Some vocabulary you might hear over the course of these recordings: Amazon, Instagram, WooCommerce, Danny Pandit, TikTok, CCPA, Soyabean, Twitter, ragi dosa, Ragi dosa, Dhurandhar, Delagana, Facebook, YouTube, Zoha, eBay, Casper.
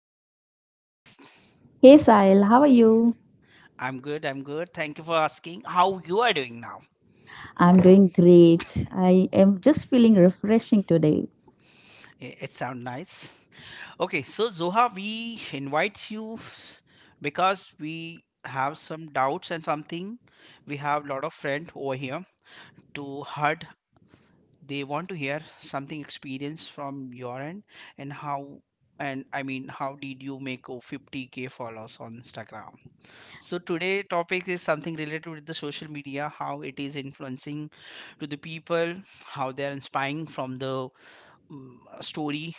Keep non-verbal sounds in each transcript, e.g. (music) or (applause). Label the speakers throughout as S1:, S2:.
S1: Welcome to my podcast.
S2: Hey Sahil, how are you?
S1: I'm good. I'm good. Thank you for asking. How you are doing now?
S2: I'm doing great. I am just feeling refreshing today.
S1: It sounds nice. Okay, so Zoha, we invite you because we have some doubts and something. We have a lot of friends over here to heard. They want to hear something experience from your end, and how, and I mean, how did you make, oh, 50k followers on Instagram? So today topic is something related with the social media, how it is influencing to the people, how they are inspiring from the story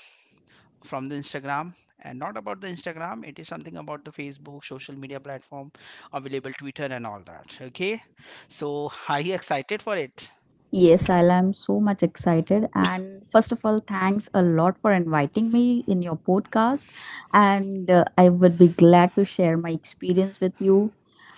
S1: from the Instagram, and not about the Instagram. It is something about the Facebook social media platform available, Twitter and all that. Okay, so are you excited for it?
S2: Yes, Sahil, I'm so much excited. And first of all, thanks a lot for inviting me in your podcast. And I would be glad to share my experience with you.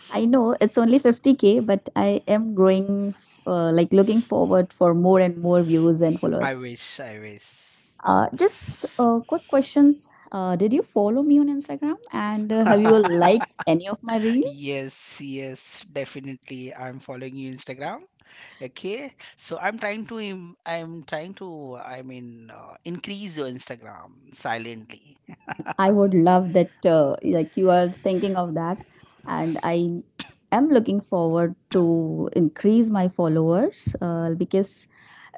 S2: I know it's only 50k, but I am growing, like looking forward for more and more views and
S1: I
S2: followers.
S1: wish, I wish.
S2: Just quick questions. Did you follow me on Instagram? And have you liked any of my reels?
S1: Yes, yes, definitely. I'm following you Instagram. Okay, so I'm trying to im- I'm trying to I mean increase your Instagram silently.
S2: I would love that, like you are thinking of that, and I am looking forward to increase my followers because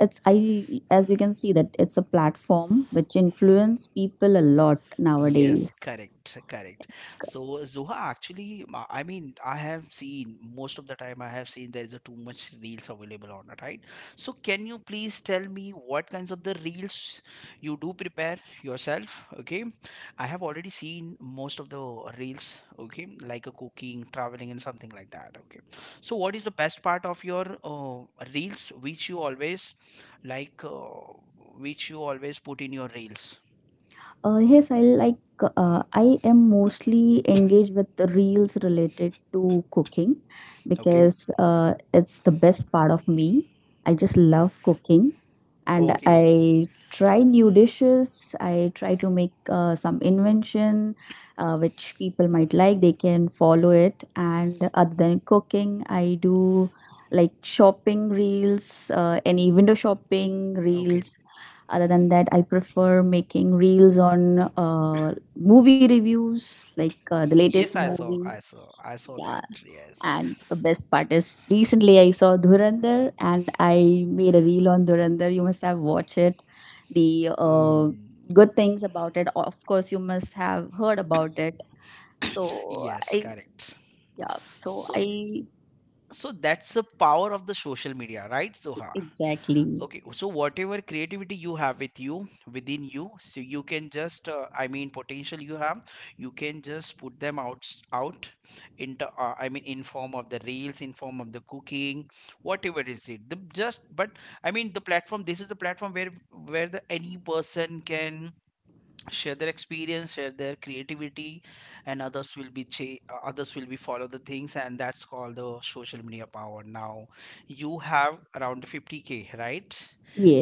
S2: it's I as you can see that it's a platform which influence people a lot. Yes,
S1: Yes,
S2: nowadays.
S1: correct, correct. So Zoha, actually, I mean, I have seen most of the time. I have seen there is a too much reels available on it, right? So can you please tell me what kinds of the reels you do prepare yourself? Okay, I have already seen most of the reels. Okay, like a cooking, traveling, and something like that. Okay, so what is the best part of your reels which you always like, which you always put in your reels?
S2: Yes, I like. I am mostly engaged with the reels related to cooking
S1: Okay,
S2: because it's the best part of me. I just love cooking, and
S1: okay,
S2: I try new dishes. I try to make some invention, which people might like. They can follow it. And other than cooking, I do like shopping reels, any window shopping
S1: okay.
S2: reels. Other than that, I prefer making reels on movie reviews, like the latest
S1: Yes, i saw
S2: movie.
S1: i saw i saw
S2: Yeah,
S1: that, yes.
S2: and the best part is recently I saw Dhurandhar and I made a reel on Dhurandhar. You must have watched it. The
S1: Mm,
S2: good things about it, of course, you must have heard about it. So
S1: yes,
S2: I,
S1: correct.
S2: yeah, so
S1: So,
S2: I
S1: so that's the power of the social media, right, Soha?
S2: exactly
S1: Okay, so whatever creativity you have with you, within you, so you can just, I mean, potential you have, you can just put them out out into, I mean, in form of the reels, in form of the cooking, whatever is it, the just but, I mean, the platform, this is the platform where the any person can share their experience, share their creativity, and others will be others will be follow the things, and that's called the social media power. Now you have around 50k, right?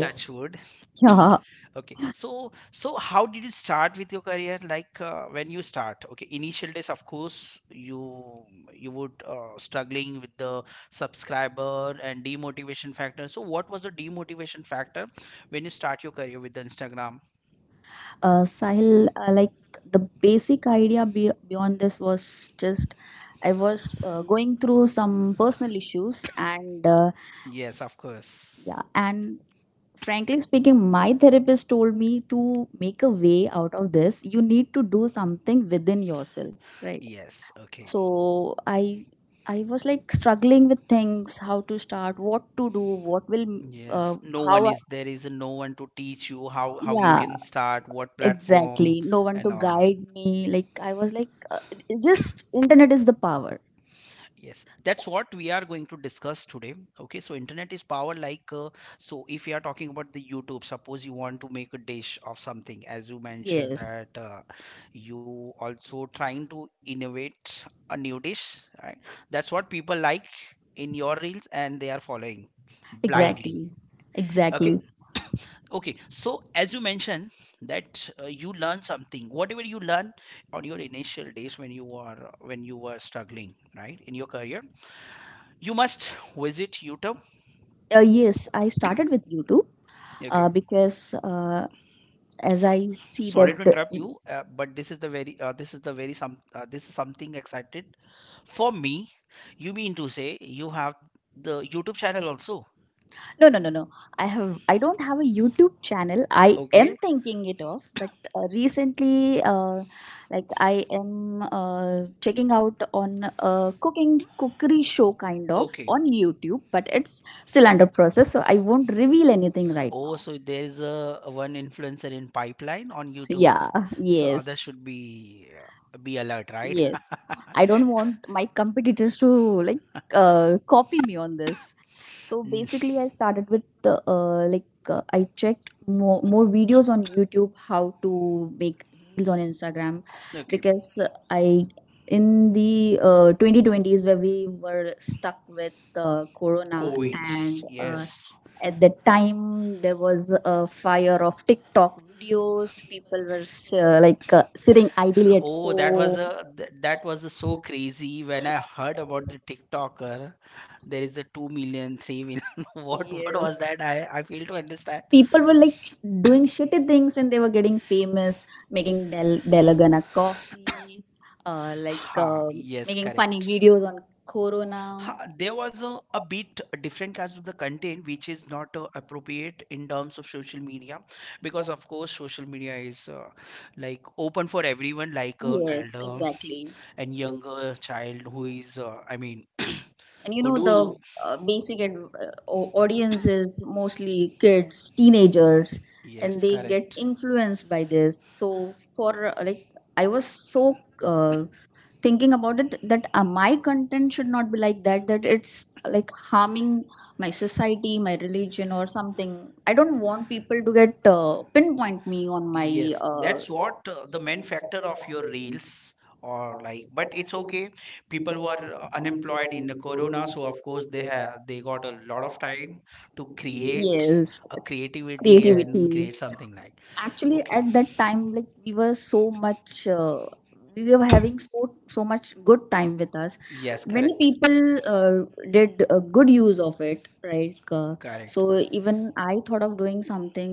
S1: Touch wood.
S2: (laughs) yeah.
S1: Okay, so so how did you start with your career, like, when you start? Okay, initial days, of course, you would struggling with the subscriber and demotivation factor. So what was the demotivation factor when you start your career with the Instagram?
S2: Sahil, like the basic idea beyond this was just I was going through some personal issues, and
S1: Yes, of course.
S2: yeah, and frankly speaking, my therapist told me to make a way out of this. You need to do something within yourself, right?
S1: Yes, okay.
S2: So I was like struggling with things, how to start, what to do, what will uh,
S1: Yes, no one
S2: how I,
S1: is, there is no one to teach you how you
S2: yeah,
S1: can start, what platform
S2: exactly. No one to
S1: and all.
S2: guide me, like I was like, just internet is the power.
S1: Yes, that's what we are going to discuss today. Okay, so internet is power, like, so if you are talking about the YouTube, suppose you want to make a dish of something, as you mentioned
S2: Yes,
S1: that, you also trying to innovate a new dish, right? That's what people like in your reels, and they are following blindly.
S2: exactly,
S1: Okay,
S2: exactly.
S1: okay. So as you mentioned that, you learn something, whatever you learn on your initial days when you are, when you were struggling, right, in your career, you must visit YouTube.
S2: Yes, I started with YouTube
S1: Okay,
S2: because as I see
S1: sorry to
S2: that
S1: interrupt you, but this is the very this is the very some this is something excited for me. You mean to say you have the YouTube channel also?
S2: No, no, no, no. I don't have a YouTube channel. I am
S1: Okay,
S2: thinking it of, but recently, like I am checking out on a cooking cookery show kind of
S1: okay.
S2: on YouTube, but it's still under process, so I won't reveal anything right
S1: Oh,
S2: now.
S1: so there is a one influencer in pipeline on YouTube.
S2: Yeah.
S1: So others
S2: Yes.
S1: should be alert, right?
S2: Yes, I don't want my competitors to like copy me on this. So basically, I started with the I checked more videos on YouTube how to make reels on Instagram
S1: (laughs) Okay.
S2: because I in the 2020s where we were stuck with Corona. Oh, yes,
S1: COVID.
S2: and
S1: Coronavirus.
S2: yes, yes.
S1: Yes. (laughs)
S2: At that time there was a fire of TikTok videos. People were sitting idly at
S1: Oh, that was
S2: home.
S1: a that was a so crazy when I heard about the TikToker. There is a 2 million, 3 million. (laughs) What
S2: Yes.
S1: was that? I fail to understand.
S2: People were like doing shitty things and they were getting famous, making Delagana coffee,
S1: Ha, yes,
S2: making funny
S1: correct.
S2: videos on
S1: Corona? Ha,
S2: Corona.
S1: there was a bit different kinds of the content, which is not appropriate in terms of social media, because of course social media is, like, open for everyone, like, yes,
S2: Yes,
S1: elder
S2: exactly.
S1: and younger child who is, I mean,
S2: And you
S1: who
S2: know,
S1: do,
S2: the audience is mostly kids, teenagers,
S1: yes,
S2: and they get
S1: correct.
S2: influenced by this. So, for like, I was so. Thinking about it that my content should not be like that, that it's like harming my society, my religion, or something. I don't want people to get pinpoint me on my
S1: Yes,
S2: uh,
S1: that's what the main factor of your reels, or like, but it's okay. People were unemployed in the corona, so of course they have, they got a lot of time to create
S2: yes,
S1: a creativity and
S2: creativity.
S1: create something like.
S2: Actually
S1: Okay,
S2: at that time, like, we were so much we were having so much good time with us.
S1: yes,
S2: Many
S1: correct,
S2: people did a good use of it, right?
S1: correct.
S2: So even I thought of doing something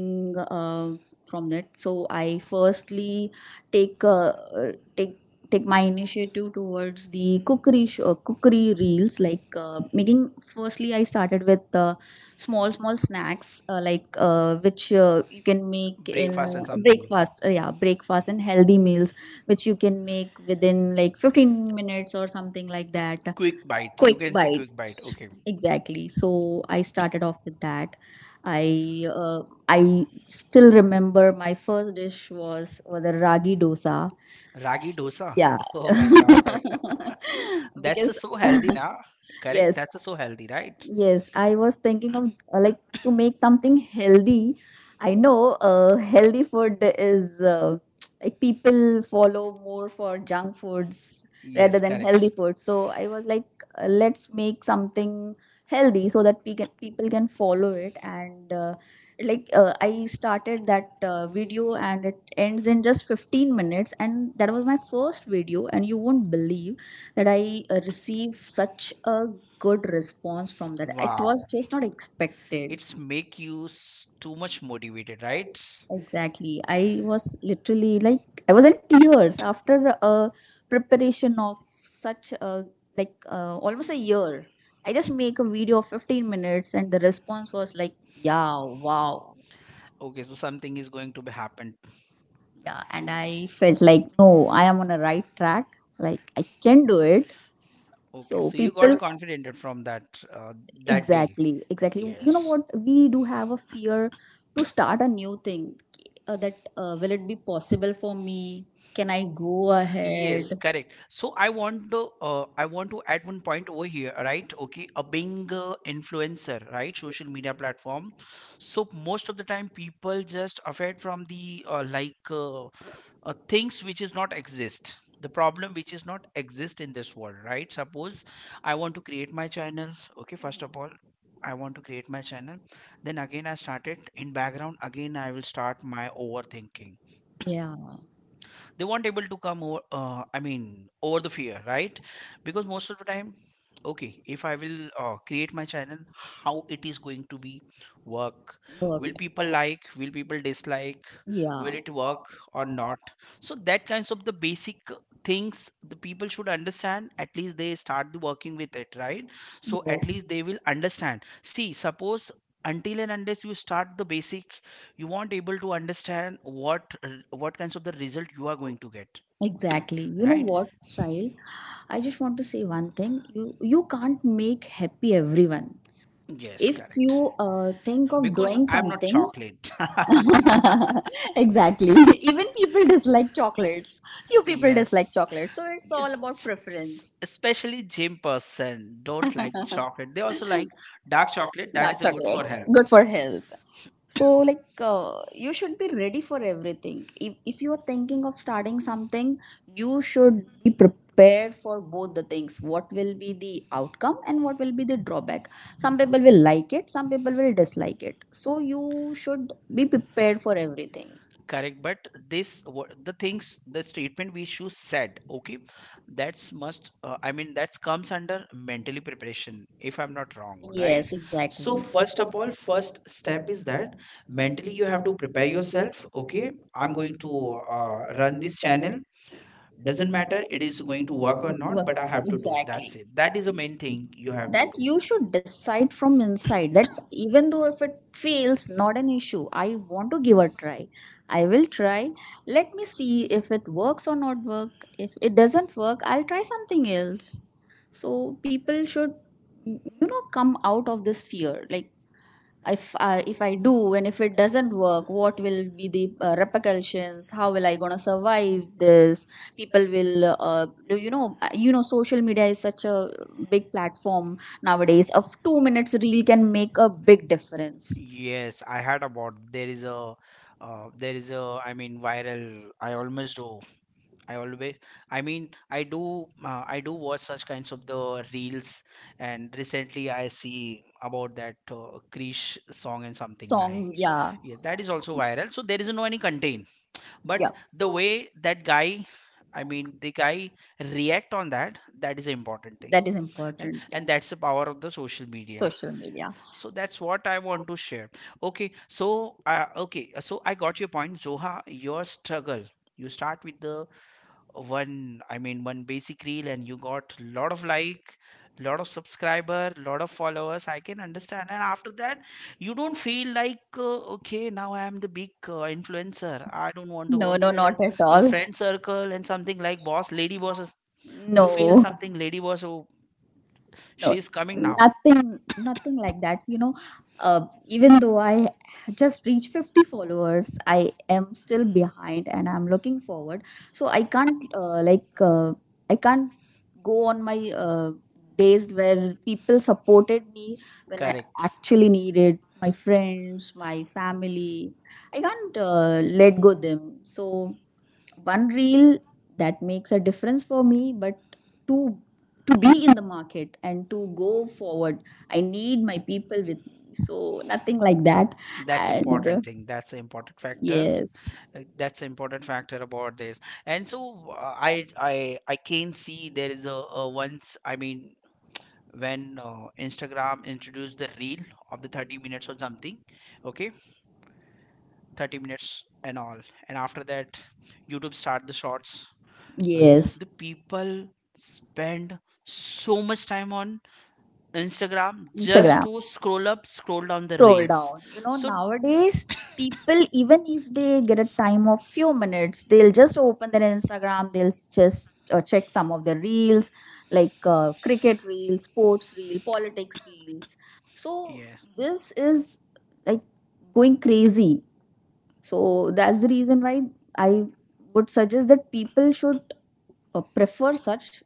S2: uh, from that. So I firstly take uh, uh, take take my initiative towards the cookery show, cookery reels, like making. Firstly I started with small snacks, which you can make in
S1: Breakfast and something.
S2: breakfast, yeah, breakfast and healthy meals which you can make within like 15 minutes or something like that.
S1: Quick bite. You
S2: Quick
S1: can say quick
S2: bites,
S1: bite. Okay.
S2: exactly. So I started off with that. i uh, I still remember my first dish was a ragi dosa.
S1: Ragi dosa.
S2: Yeah.
S1: (laughs) Oh my God. (laughs)
S2: (laughs)
S1: That's a, yes,
S2: because.
S1: so healthy
S2: (laughs)
S1: now. Correct?
S2: Yes,
S1: That's a so healthy, right?
S2: yes. I was thinking of like to make something healthy. I know healthy food is like people follow more for junk
S1: Was,
S2: foods rather
S1: yes,
S2: than healthy
S1: correct.
S2: food. So I was like, let's make something healthy so that people can follow it. And I started that video and it ends in just 15 minutes. And that was my first video. And you won't believe that I receive such a good response from that. It was
S1: Wow.
S2: just not
S1: Was not expected.
S2: expected.
S1: It's make you too much motivated, right?
S2: Exactly. I was literally like I was in tears after a preparation of such a almost a year. I just make a video of 15 minutes and the response was like, yeah, wow.
S1: Okay, so something is going to be happen.
S2: Yeah, and I felt like, no, I am on a right track. Like I can do it.
S1: Okay,
S2: So
S1: so you
S2: people
S1: got confident from that, uh,
S2: that is
S1: that day.
S2: exactly, exactly. You know
S1: Yes.
S2: what? We do have a fear to start a new thing. That Will it be possible for me? Can I go ahead?
S1: Yes,
S2: Yes.
S1: correct. So I want to, I want to add one point over here, right? Okay, a being influencer, right? Social media platform. So most of the time, people just afraid from the, like, things which is not exist, the problem which is not exist in this world, right? Suppose I want to create my channel. Okay, first of all, I want to create my channel, then again I start it in background, again I will start my overthinking.
S2: Yeah,
S1: They won't able to come over, I mean, over the fear, right? Because most of the time, okay, if I will create my channel, how it is going to be work, will
S2: worked.
S1: people like, will people dislike,
S2: Yeah,
S1: will it work or not? So that kinds of the basic things the people should understand, at least they start the working with it, right? So at
S2: yes,
S1: least they will understand. See, suppose, until and unless you start the basic, you won't able to understand what what kinds of the result you are going to get,
S2: exactly. You know
S1: right?
S2: what, Sahil? I just want to say one thing. You can't make happy everyone.
S1: Yes,
S2: If you
S1: correct.
S2: think of
S1: Because
S2: doing
S1: I'm not
S2: something,
S1: chocolate.
S2: (laughs) exactly. (laughs) Even people dislike chocolates. Few people dislike
S1: Yes.
S2: chocolates. So it's
S1: Yes.
S2: all about preference.
S1: (laughs) Especially gym person don't like chocolate. They also like dark
S2: Dark
S1: chocolate. That is good for
S2: chocolates.
S1: health.
S2: Good for health. So, like, you should be ready for everything. If you are thinking of starting something, you should be prepared for both the things. What will be the outcome and what will be the drawback? Some people will like it, some people will dislike it. So, you should be prepared for everything.
S1: Correct. But this what the things, the statement which you said. Okay, that's must. I mean, that comes under mentally preparation, if I'm not wrong, right?
S2: Yes, exactly.
S1: So first of all, first step is that mentally you have to prepare yourself. Okay, I'm going to run this channel. Doesn't matter it is going to work
S2: Wo-
S1: or not, but I have to do it.
S2: Exactly.
S1: That's it. That is the main thing you have to
S2: That
S1: do.
S2: do. You should decide from inside that even though if it fails, not an issue. I want to give a try. I will try. Let me see if it works or not work. If it doesn't work, I'll try something else. So people should, you know, come out of this fear. Like if I do and if it doesn't work, what will be the repercussions? How will I gonna survive this? People will, do you know, social media is such a big platform nowadays. Of 2 minutes reel can make a big difference.
S1: Yes, I heard about there is a, there is a, I mean, viral, I almost do I always I mean, I do I do watch such kinds of the reels. And recently I see about that, Krish song and something like,
S2: Song, yeah,
S1: yeah, that is also viral. So there is no any content,
S2: yeah,
S1: but the way that guy, I mean, the guy react on that, that is an important thing.
S2: that is
S1: Eh,
S2: important.
S1: and that's the power of the social media.
S2: Social media.
S1: So that's what I want to share. Okay, so okay, so I got your point, Zoha. Your struggle, you start with the one, I mean, one basic reel, and you got lot of like, lot of subscriber, lot of followers, I can understand. And after that, you don't feel like, okay, now I am the big influencer, I don't want to go
S2: No, no,
S1: there,
S2: not at
S1: your
S2: all.
S1: friend circle and something like, boss, you feel
S2: No.
S1: something, lady boss, oh, she
S2: No,
S1: is coming now.
S2: nothing, nothing like that, you know. Even though I just reached 50 followers, I am still behind and I'm looking forward. So I can't i can't go on my days where people supported me when I
S1: Correct,
S2: actually needed my friends, my family. I can't let go them. So one reel that makes a difference for me, but to to be in the market and to go forward, I need my people with me. So nothing like that.
S1: that's
S2: And
S1: important thing, that's an important factor.
S2: yes,
S1: That's an important factor about this. And so, uh, i i I can see there is a, once, I mean, when Instagram introduced the reel of the 30 minutes or something, okay, 30 minutes and all, and after that, YouTube start the shorts. Okay,
S2: yes.
S1: the people spend so much time on Instagram just
S2: Instagram,
S1: to scroll up, scroll down the
S2: scroll
S1: reels.
S2: down, you know.
S1: So,
S2: Nowadays,
S1: (coughs)
S2: people, even if they get a
S1: so-
S2: time of few minutes, they'll just open their Instagram, they'll s- just check some of the reels, like cricket reels, sports reel, politics reels. So
S1: yeah.
S2: this is like going crazy. So that's the reason why I would suggest that people should prefer such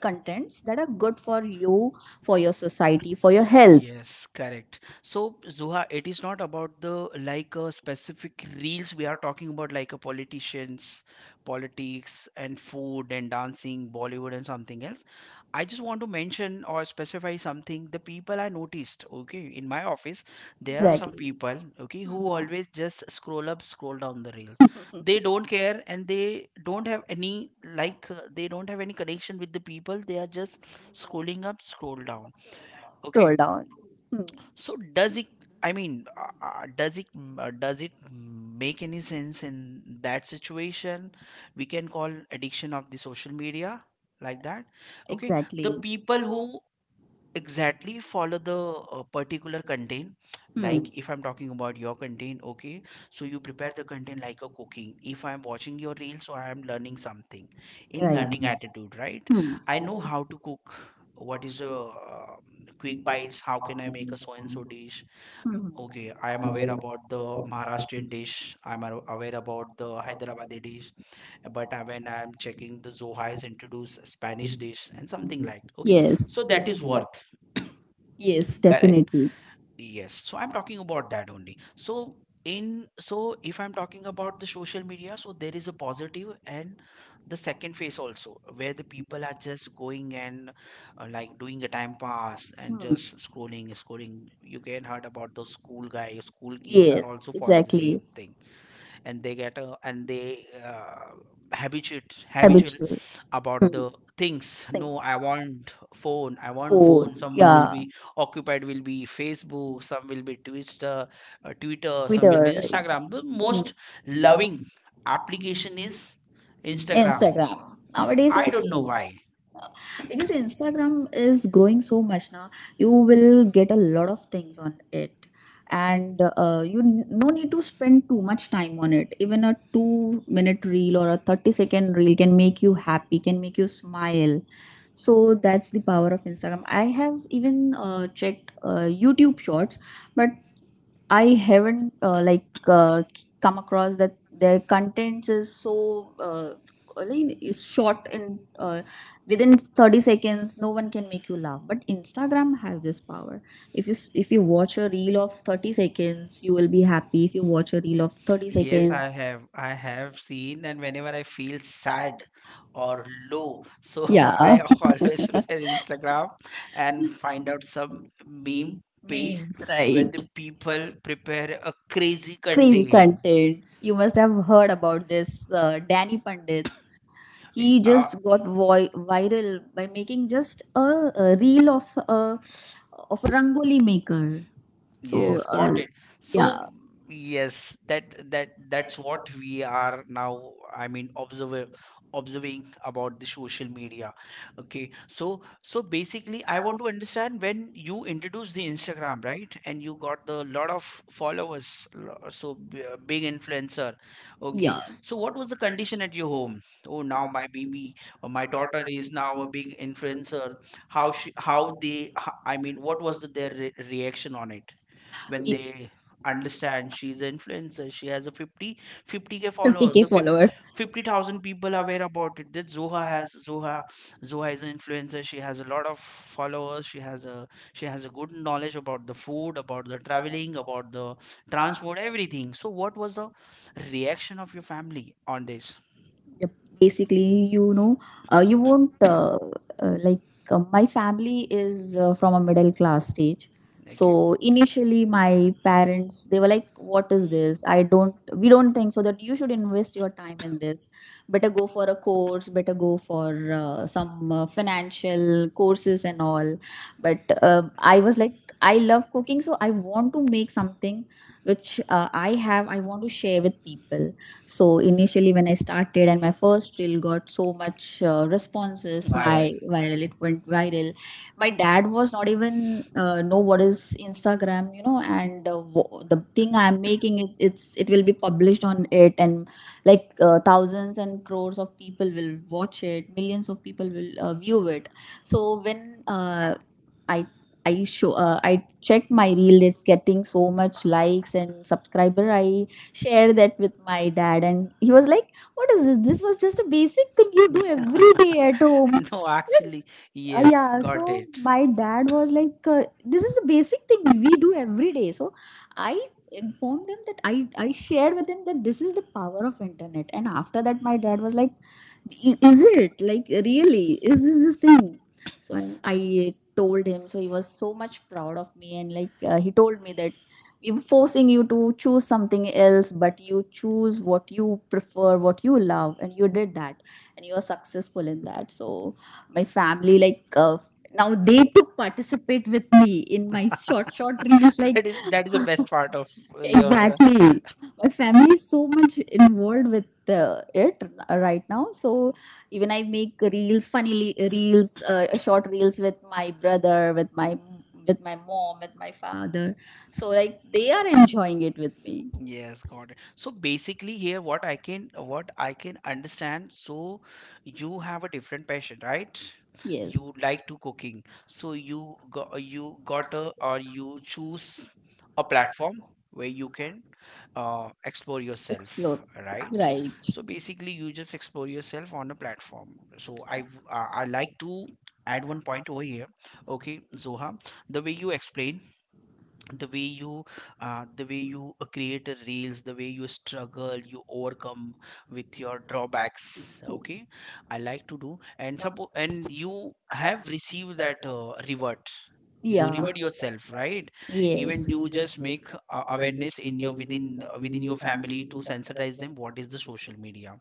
S2: contents that are good for you, for your society, for your health.
S1: Yes, correct. So, Zuha, it is not about the, like, specific reels we are talking about, like a politicians, politics, and food, and dancing, Bollywood, and something else. I just want to mention or specify something. The people I noticed, okay, in my office, there are some
S2: Exactly.
S1: people, okay, who always just scroll up, scroll down the reel. They don't care, and they don't have any like, they don't have any connection with the people. They are just scrolling up, scroll down.
S2: Scroll down.
S1: Okay,
S2: Hmm.
S1: so does it, I mean, does it does it make any sense in that situation? We can call addiction of the social media, like that. Okay,
S2: Exactly.
S1: the people who exactly follow the particular content.
S2: Hmm.
S1: Like if I'm talking about your content, okay, so you prepare the content like a cooking. If I'm watching your reel, so I am learning something, in
S2: Right.
S1: learning attitude, right?
S2: Hmm. Hmm.
S1: I know how to cook, what is the quick bites, how can I make a so and so dish. Okay, I am aware about the Maharashtrian dish, I'm aware about the Hyderabadi dish. But when I'm checking, the Zoha is introduced Spanish dish and something like, okay.
S2: Yes.
S1: So that is worth.
S2: Yes.
S1: Correct.
S2: Definitely.
S1: Yes. So I'm talking about that only. So in so if I'm talking about the social media, so there is a positive and the second phase also where the people are just going and like doing a time pass and
S2: Hmm.
S1: just scrolling, scrolling. You can heard about those school guys, school kids are
S2: Yes.
S1: also follow the, exactly,
S2: Exactly.
S1: same thing, and they get a, and they habituate habitualize
S2: Habitual.
S1: about
S2: Hmm,
S1: the things. No,
S2: things.
S1: I want phone, I want
S2: Food,
S1: phone, someone will
S2: yeah,
S1: be occupied, will be Facebook, some will be Twitter, some
S2: Twitter,
S1: will be
S2: right?
S1: Instagram. The
S2: Hmm,
S1: most loving application is Instagram.
S2: Instagram. Nowadays,
S1: I don't know
S2: it's
S1: why.
S2: because Instagram is growing so much now. You will get a lot of things on it, and no need to spend too much time on it. Even a 2 minute reel or a 30 second reel can make you happy, can make you smile. So that's the power of Instagram. I have even checked YouTube shorts, but I haven't come across that their contents is so is short and within 30 seconds no one can make you laugh, but Instagram has this power. If you watch a reel of 30 seconds, you will be happy. If you watch a reel of 30
S1: Yes, I
S2: seconds,
S1: have. I have seen, and whenever I feel sad or low, so (laughs)
S2: yeah.
S1: I always prefer Instagram
S2: (laughs)
S1: and find out some meme page where the people prepare a crazy
S2: crazy
S1: content. (coughs)
S2: contents. You must have heard about this Danny Pandit.
S1: In-
S2: He just got viral by making just a reel
S1: uh,
S2: of a rangoli maker. So
S1: Yes, got it. So
S2: yeah,
S1: yes, that's what we are now, I mean, observer observing about the social media. Okay. So basically I want to understand when you introduced the Instagram, right? And you got the lot of followers, big influencer. Okay.
S2: yeah,
S1: So what was the condition at your home? Oh, now my baby or my daughter is now a big influencer. How she, how they, I mean, what was their re reaction on it? When
S2: It-
S1: they understand she's an influencer, she has a fifty k followers,
S2: 50k
S1: the
S2: followers.
S1: 50,000 people are aware about it, that zoha has zoha zoha is an influencer. She has a lot of followers. She has a good knowledge about the food, about the traveling, about the transport, everything. So what was the reaction of your family on this?
S2: Yep. Basically, you know, you won't like my family is from a middle class stage.
S1: Okay.
S2: So initially, my parents they were like, "What is this? I don't. We don't think so that you should invest your time in this. Better go for a course. Better go for some financial courses and all." But I was like, "I love cooking, so I want to make something which I have. I want to share with people." So initially, when I started and my first reel got so much responses,
S1: Viral.
S2: my viral it went viral. My dad was not even know what is Instagram, you know, and the thing I'm making it, it will be published on it, and like thousands and crores of people will watch it, millions of people will view it. So when I I show I check my reel is getting so much likes and subscriber. I share that with my dad, and he was like, "What is this? This was just a basic thing you do
S1: Yeah.
S2: every day at home."
S1: (laughs) No, actually, yes,
S2: Yeah,
S1: got
S2: so
S1: it.
S2: my dad was like, "This is the basic thing we do every day." So I informed him that I shared with him that this is the power of internet, and after that, my dad was like, "I- Is it like really? Is this thing?" So I told him so he was so much proud of me and he told me that we were forcing you to choose something else, but you choose what you prefer, what you love, and you did that, and you are successful in that. So my family, now they took participate with me in my short
S1: (laughs)
S2: short reels like
S1: That is the best
S2: (laughs)
S1: part of your
S2: exactly. My family is so much involved with it right now. So even I make reels, short reels with my brother, with my, with my mom, with my father. So like they are enjoying it with me.
S1: Yes, got it. So basically here what I can understand, so you have a different passion, right?
S2: Yes,
S1: You like to cooking. So you got a or you choose a platform where you can explore yourself,
S2: explore,
S1: right?
S2: right,
S1: So basically you just explore yourself on a platform. So I like to add one point over here. Okay, Zoha, the way you explain, the way you the way you create a reels, the way you struggle, you overcome with your drawbacks, okay. I like to do, and suppose, and you have received that reward, you
S2: yeah,
S1: reward yourself, right? Even, yes,
S2: yes,
S1: you just make awareness in your within within your family to sensitize them what is the social media.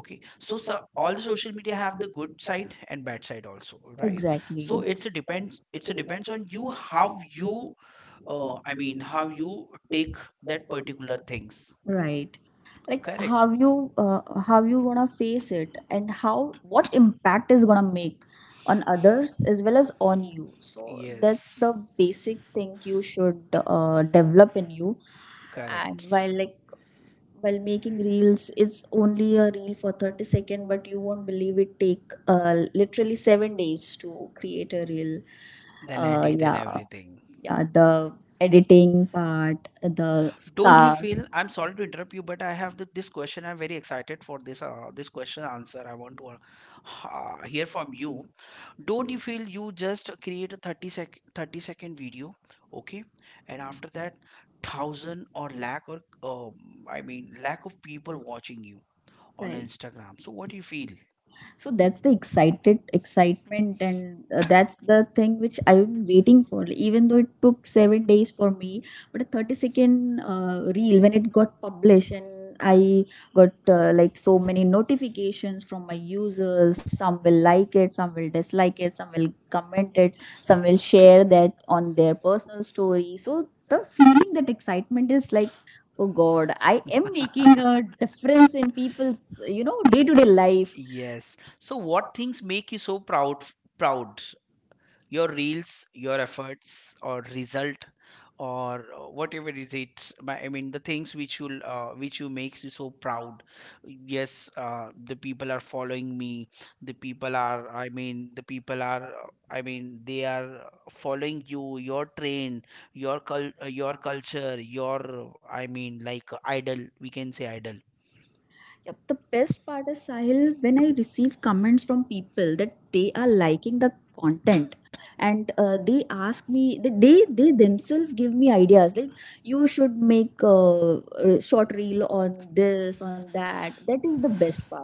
S1: Okay, so all the social media have the good side and bad side also, right?
S2: exactly.
S1: So it's a depends on you how you, oh, I mean, how you take that particular things.
S2: Right. Like
S1: Correct.
S2: how you gonna face it and how what impact is gonna make on others as well as on you. So that's
S1: Yes.
S2: the basic thing you should develop in you. And
S1: Correct.
S2: while making reels, it's only a reel for 30 second, but you won't believe it take literally 7 days to create a reel.
S1: Then
S2: Uh,
S1: edit and
S2: yeah
S1: everything.
S2: yeah, the editing part, the
S1: Don't you feel?
S2: cast.
S1: I'm sorry to interrupt you, but I have this question. I'm very excited for this. This question answer. I want to hear from you. Don't you feel you just create a 30-second video, okay, and after that, thousand or lakh or I mean, lack of people watching you on
S2: Right.
S1: Instagram. So what do you feel?
S2: So that's the excited excitement, and that's the thing which I'm waiting for. Even though it took 7 days for me, but a 30 second reel when it got published, and I got like so many notifications from my users. Some will like it, some will dislike it, some will comment it, some will share that on their personal story. So the feeling, that excitement is like, oh god, I am making a difference in people's, you know, day to day life.
S1: Yes, so what things make you so proud, proud? Your reels, your efforts, or result, or whatever is it, I mean, the things which will which you makes you so proud. Yes. The people are following me, the people are, I mean, the people are, I mean, they are following you, your train, your your culture, your, I mean, like idol, we can say idol.
S2: Yep, the best part is, Sahil, when I receive comments from people that they are liking the content, and they ask me, they themselves give me ideas like you should make a short reel on this, on that. That is the best part.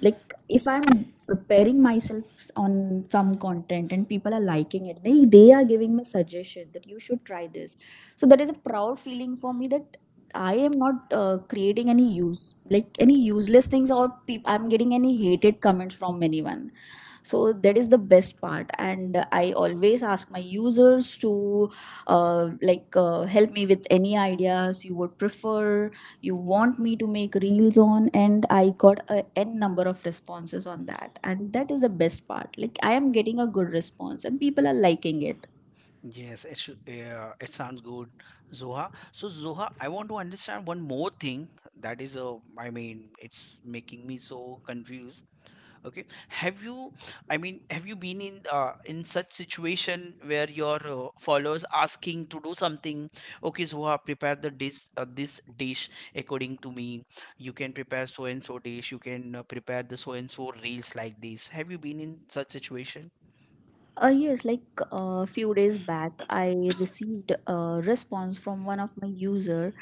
S2: Like if I'm preparing myself on some content and people are liking it, they are giving me suggestion that you should try this. So that is a proud feeling for me, that I am not creating any use, like any useless things, or peop- I'm getting any hated comments from anyone. So that is the best part, and I always ask my users to help me with any ideas you would prefer, you want me to make reels on, and I got a n number of responses on that, and that is the best part. Like I am getting a good response, and people are liking it.
S1: Yes, it should, yeah, it sounds good, Zoha. So, Zoha, I want to understand one more thing that is, I mean, it's making me so confused. Okay, have you, I mean, have you been in such situation where your followers asking to do something? Okay, Zoha, prepare the dish, this dish according to me. You can prepare so and so dish. You can prepare the so and so reels like this. Have you been in such situation?
S2: Yes, like a few days back, I received a response from one of my user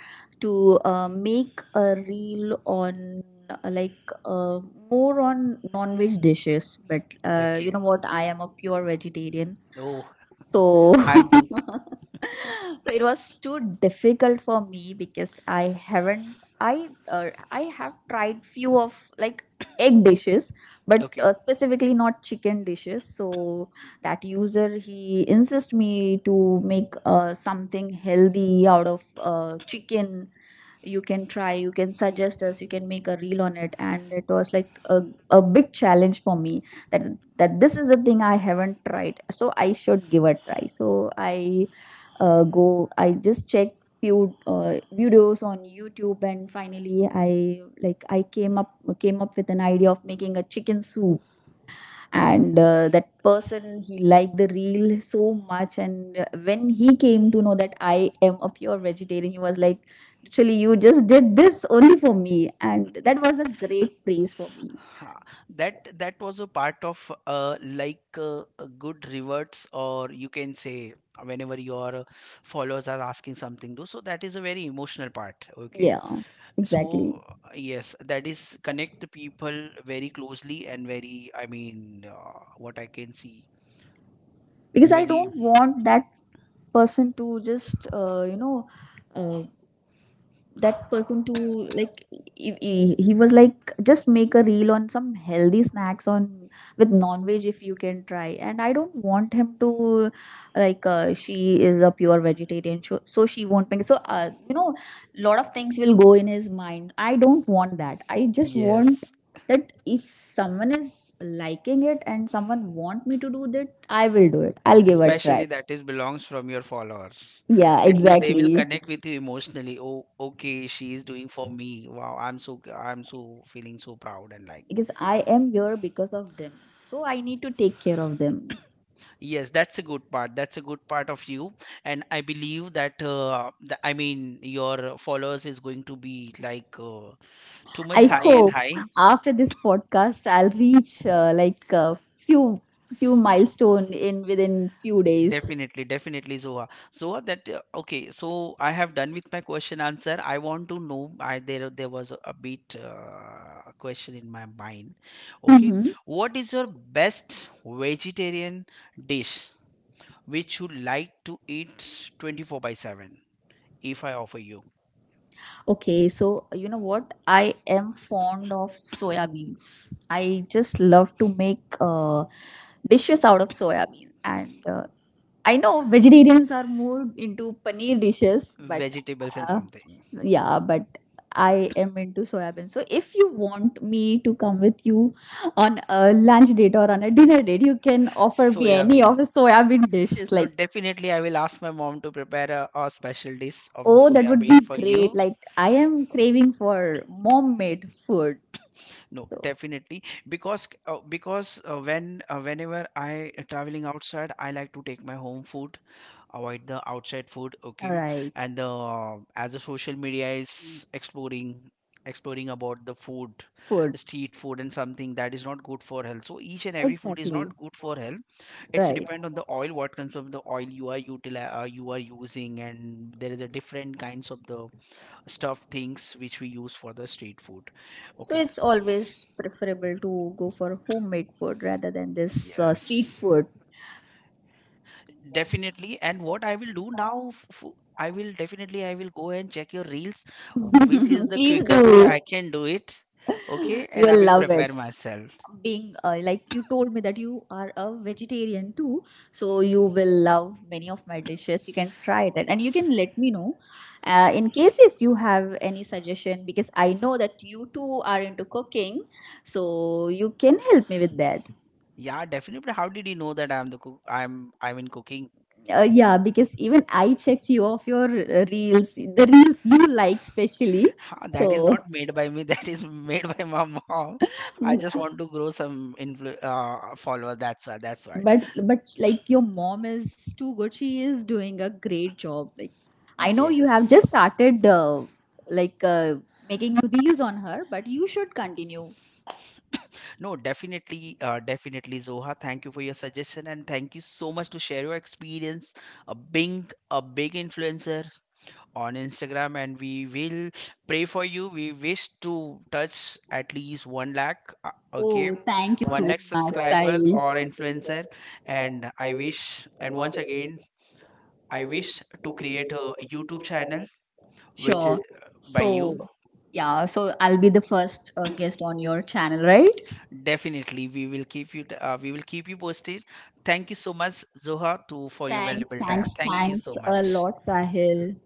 S2: to make a reel on uh, like uh, more on non-veg dishes. But you
S1: Okay.
S2: know what? I am a pure vegetarian,
S1: Oh,
S2: so,
S1: (laughs) I'm too.
S2: (laughs) so it was too difficult for me because I haven't I have tried few of like egg dishes, but
S1: Okay.
S2: specifically not chicken dishes. So that user, he insists me to make something healthy out of chicken. You can try, you can suggest us, you can make a reel on it. And it was like a big challenge for me that that this is the thing I haven't tried, so I should give a try. So I just checked few videos on YouTube, and finally I like I came up with an idea of making a chicken soup. And that person, he liked the reel so much. And when he came to know that I am a pure vegetarian, he was like, literally you just did this only for me. And that was a great praise for me.
S1: Ha, That was a part of like a good rewards, or you can say whenever your followers are asking something to. So that is a very emotional part. Okay.
S2: Yeah, exactly.
S1: So, yes, that is connect the people very closely and very, I mean, what I can see,
S2: Because I Mm.
S1: very,
S2: don't want that person to just uh, that person to like, he was like, just make a reel on some healthy snacks on with non-veg if you can try. And I don't want him to she is a pure vegetarian, so, so she won't make, so you know, a lot of things will go in his mind. I don't want that. I just want
S1: yes,
S2: that if someone is liking it and someone want me to do that, I will do it, I'll give a try.
S1: especially that is belongs from your followers.
S2: Yeah,
S1: At least they will
S2: exactly.
S1: connect with you emotionally. Oh, okay, she is doing for me. Wow, I'm so feeling so proud and like.
S2: Because I am here because of them, so I need to take care of them.
S1: Yes, that's a good part. That's a good part of you. And I believe that, I mean, your followers is going to be like too much
S2: I
S1: high and
S2: hope
S1: high.
S2: after this podcast I'll reach like a few few milestone in within few days.
S1: Definitely, definitely, Zoha. So that okay. So I have done with my question answer. I want to know. I There was a bit question in my mind. Okay,
S2: Mhm.
S1: what is your best vegetarian dish which you like to eat 24/7? If I offer you
S2: Okay, so you know what? I am fond of soya beans. I just love to make dishes out of soya bean, and I know vegetarians are more into paneer dishes, but
S1: vegetables and
S2: uh,
S1: something?
S2: yeah, but I am into soya beans. So if you want me to come with you on a lunch date or on a dinner date, you can offer me any
S1: Soyabean.
S2: of the soya bean dishes.
S1: No,
S2: Like,
S1: definitely I will ask my mom to prepare a special dish of the
S2: oh, that
S1: soya
S2: would
S1: bean
S2: be
S1: for
S2: great!
S1: you.
S2: Like, I am craving for mom-made food.
S1: No,
S2: So,
S1: definitely because whenever I traveling outside, I like to take my home food, avoid the outside food,
S2: all
S1: okay.
S2: right,
S1: And the as the social media is exploring, about the food,
S2: food.
S1: street food and something that is not good for health. So each and every food is
S2: Exactly.
S1: not good for health. It's
S2: Right.
S1: depend on the oil, what kinds of the oil you are utili you are using, and there is a different kinds of the stuff things which we use for the street food.
S2: So
S1: Okay.
S2: it's always preferable to go for homemade food rather than this street
S1: Yes.
S2: food.
S1: Definitely. And what I will do now, I will definitely, I will go and check your reels, which is
S2: (laughs)
S1: the
S2: Please
S1: quicker food
S2: do.
S1: I can do it. Okay, and I
S2: You'll
S1: will
S2: love
S1: prepare
S2: it.
S1: myself.
S2: Being you told me that you are a vegetarian too, so you will love many of my dishes. You can try it and you can let me know in case if you have any suggestion, because I know that you too are into cooking, so you can help me with that.
S1: Yeah, definitely. How did you know that I'm the cook? I'm in cooking.
S2: Yeah, because even I check few of your reels, the reels you like specially.
S1: Ha, that is
S2: So,
S1: not made by me. (laughs) That is made by my mom. I
S2: mm,
S1: just want to grow some influ follower. That's why. That's why.
S2: but like your mom is too good. She is doing a great job. Like I know you have just
S1: Yes.
S2: started like uh, making reels on her, but you should continue.
S1: No, definitely, definitely, Zoha. Thank you for your suggestion and thank you so much to share your experience of being a big influencer on Instagram. And we will pray for you. We wish to touch at least 1 lakh, okay,
S2: Oh, thank you
S1: one
S2: so
S1: lakh
S2: much. I
S1: subscriber or influencer. And I wish, and once again, I wish to create a YouTube channel which is
S2: sure.
S1: by you.
S2: So yeah, so I'll be the first guest on your channel, right?
S1: Definitely, we will keep you. We will keep you posted. Thank you so much, Zoha, too, for your
S2: Thanks,
S1: valuable time.
S2: thanks,
S1: Thank you so
S2: thanks a
S1: much.
S2: lot, Sahil.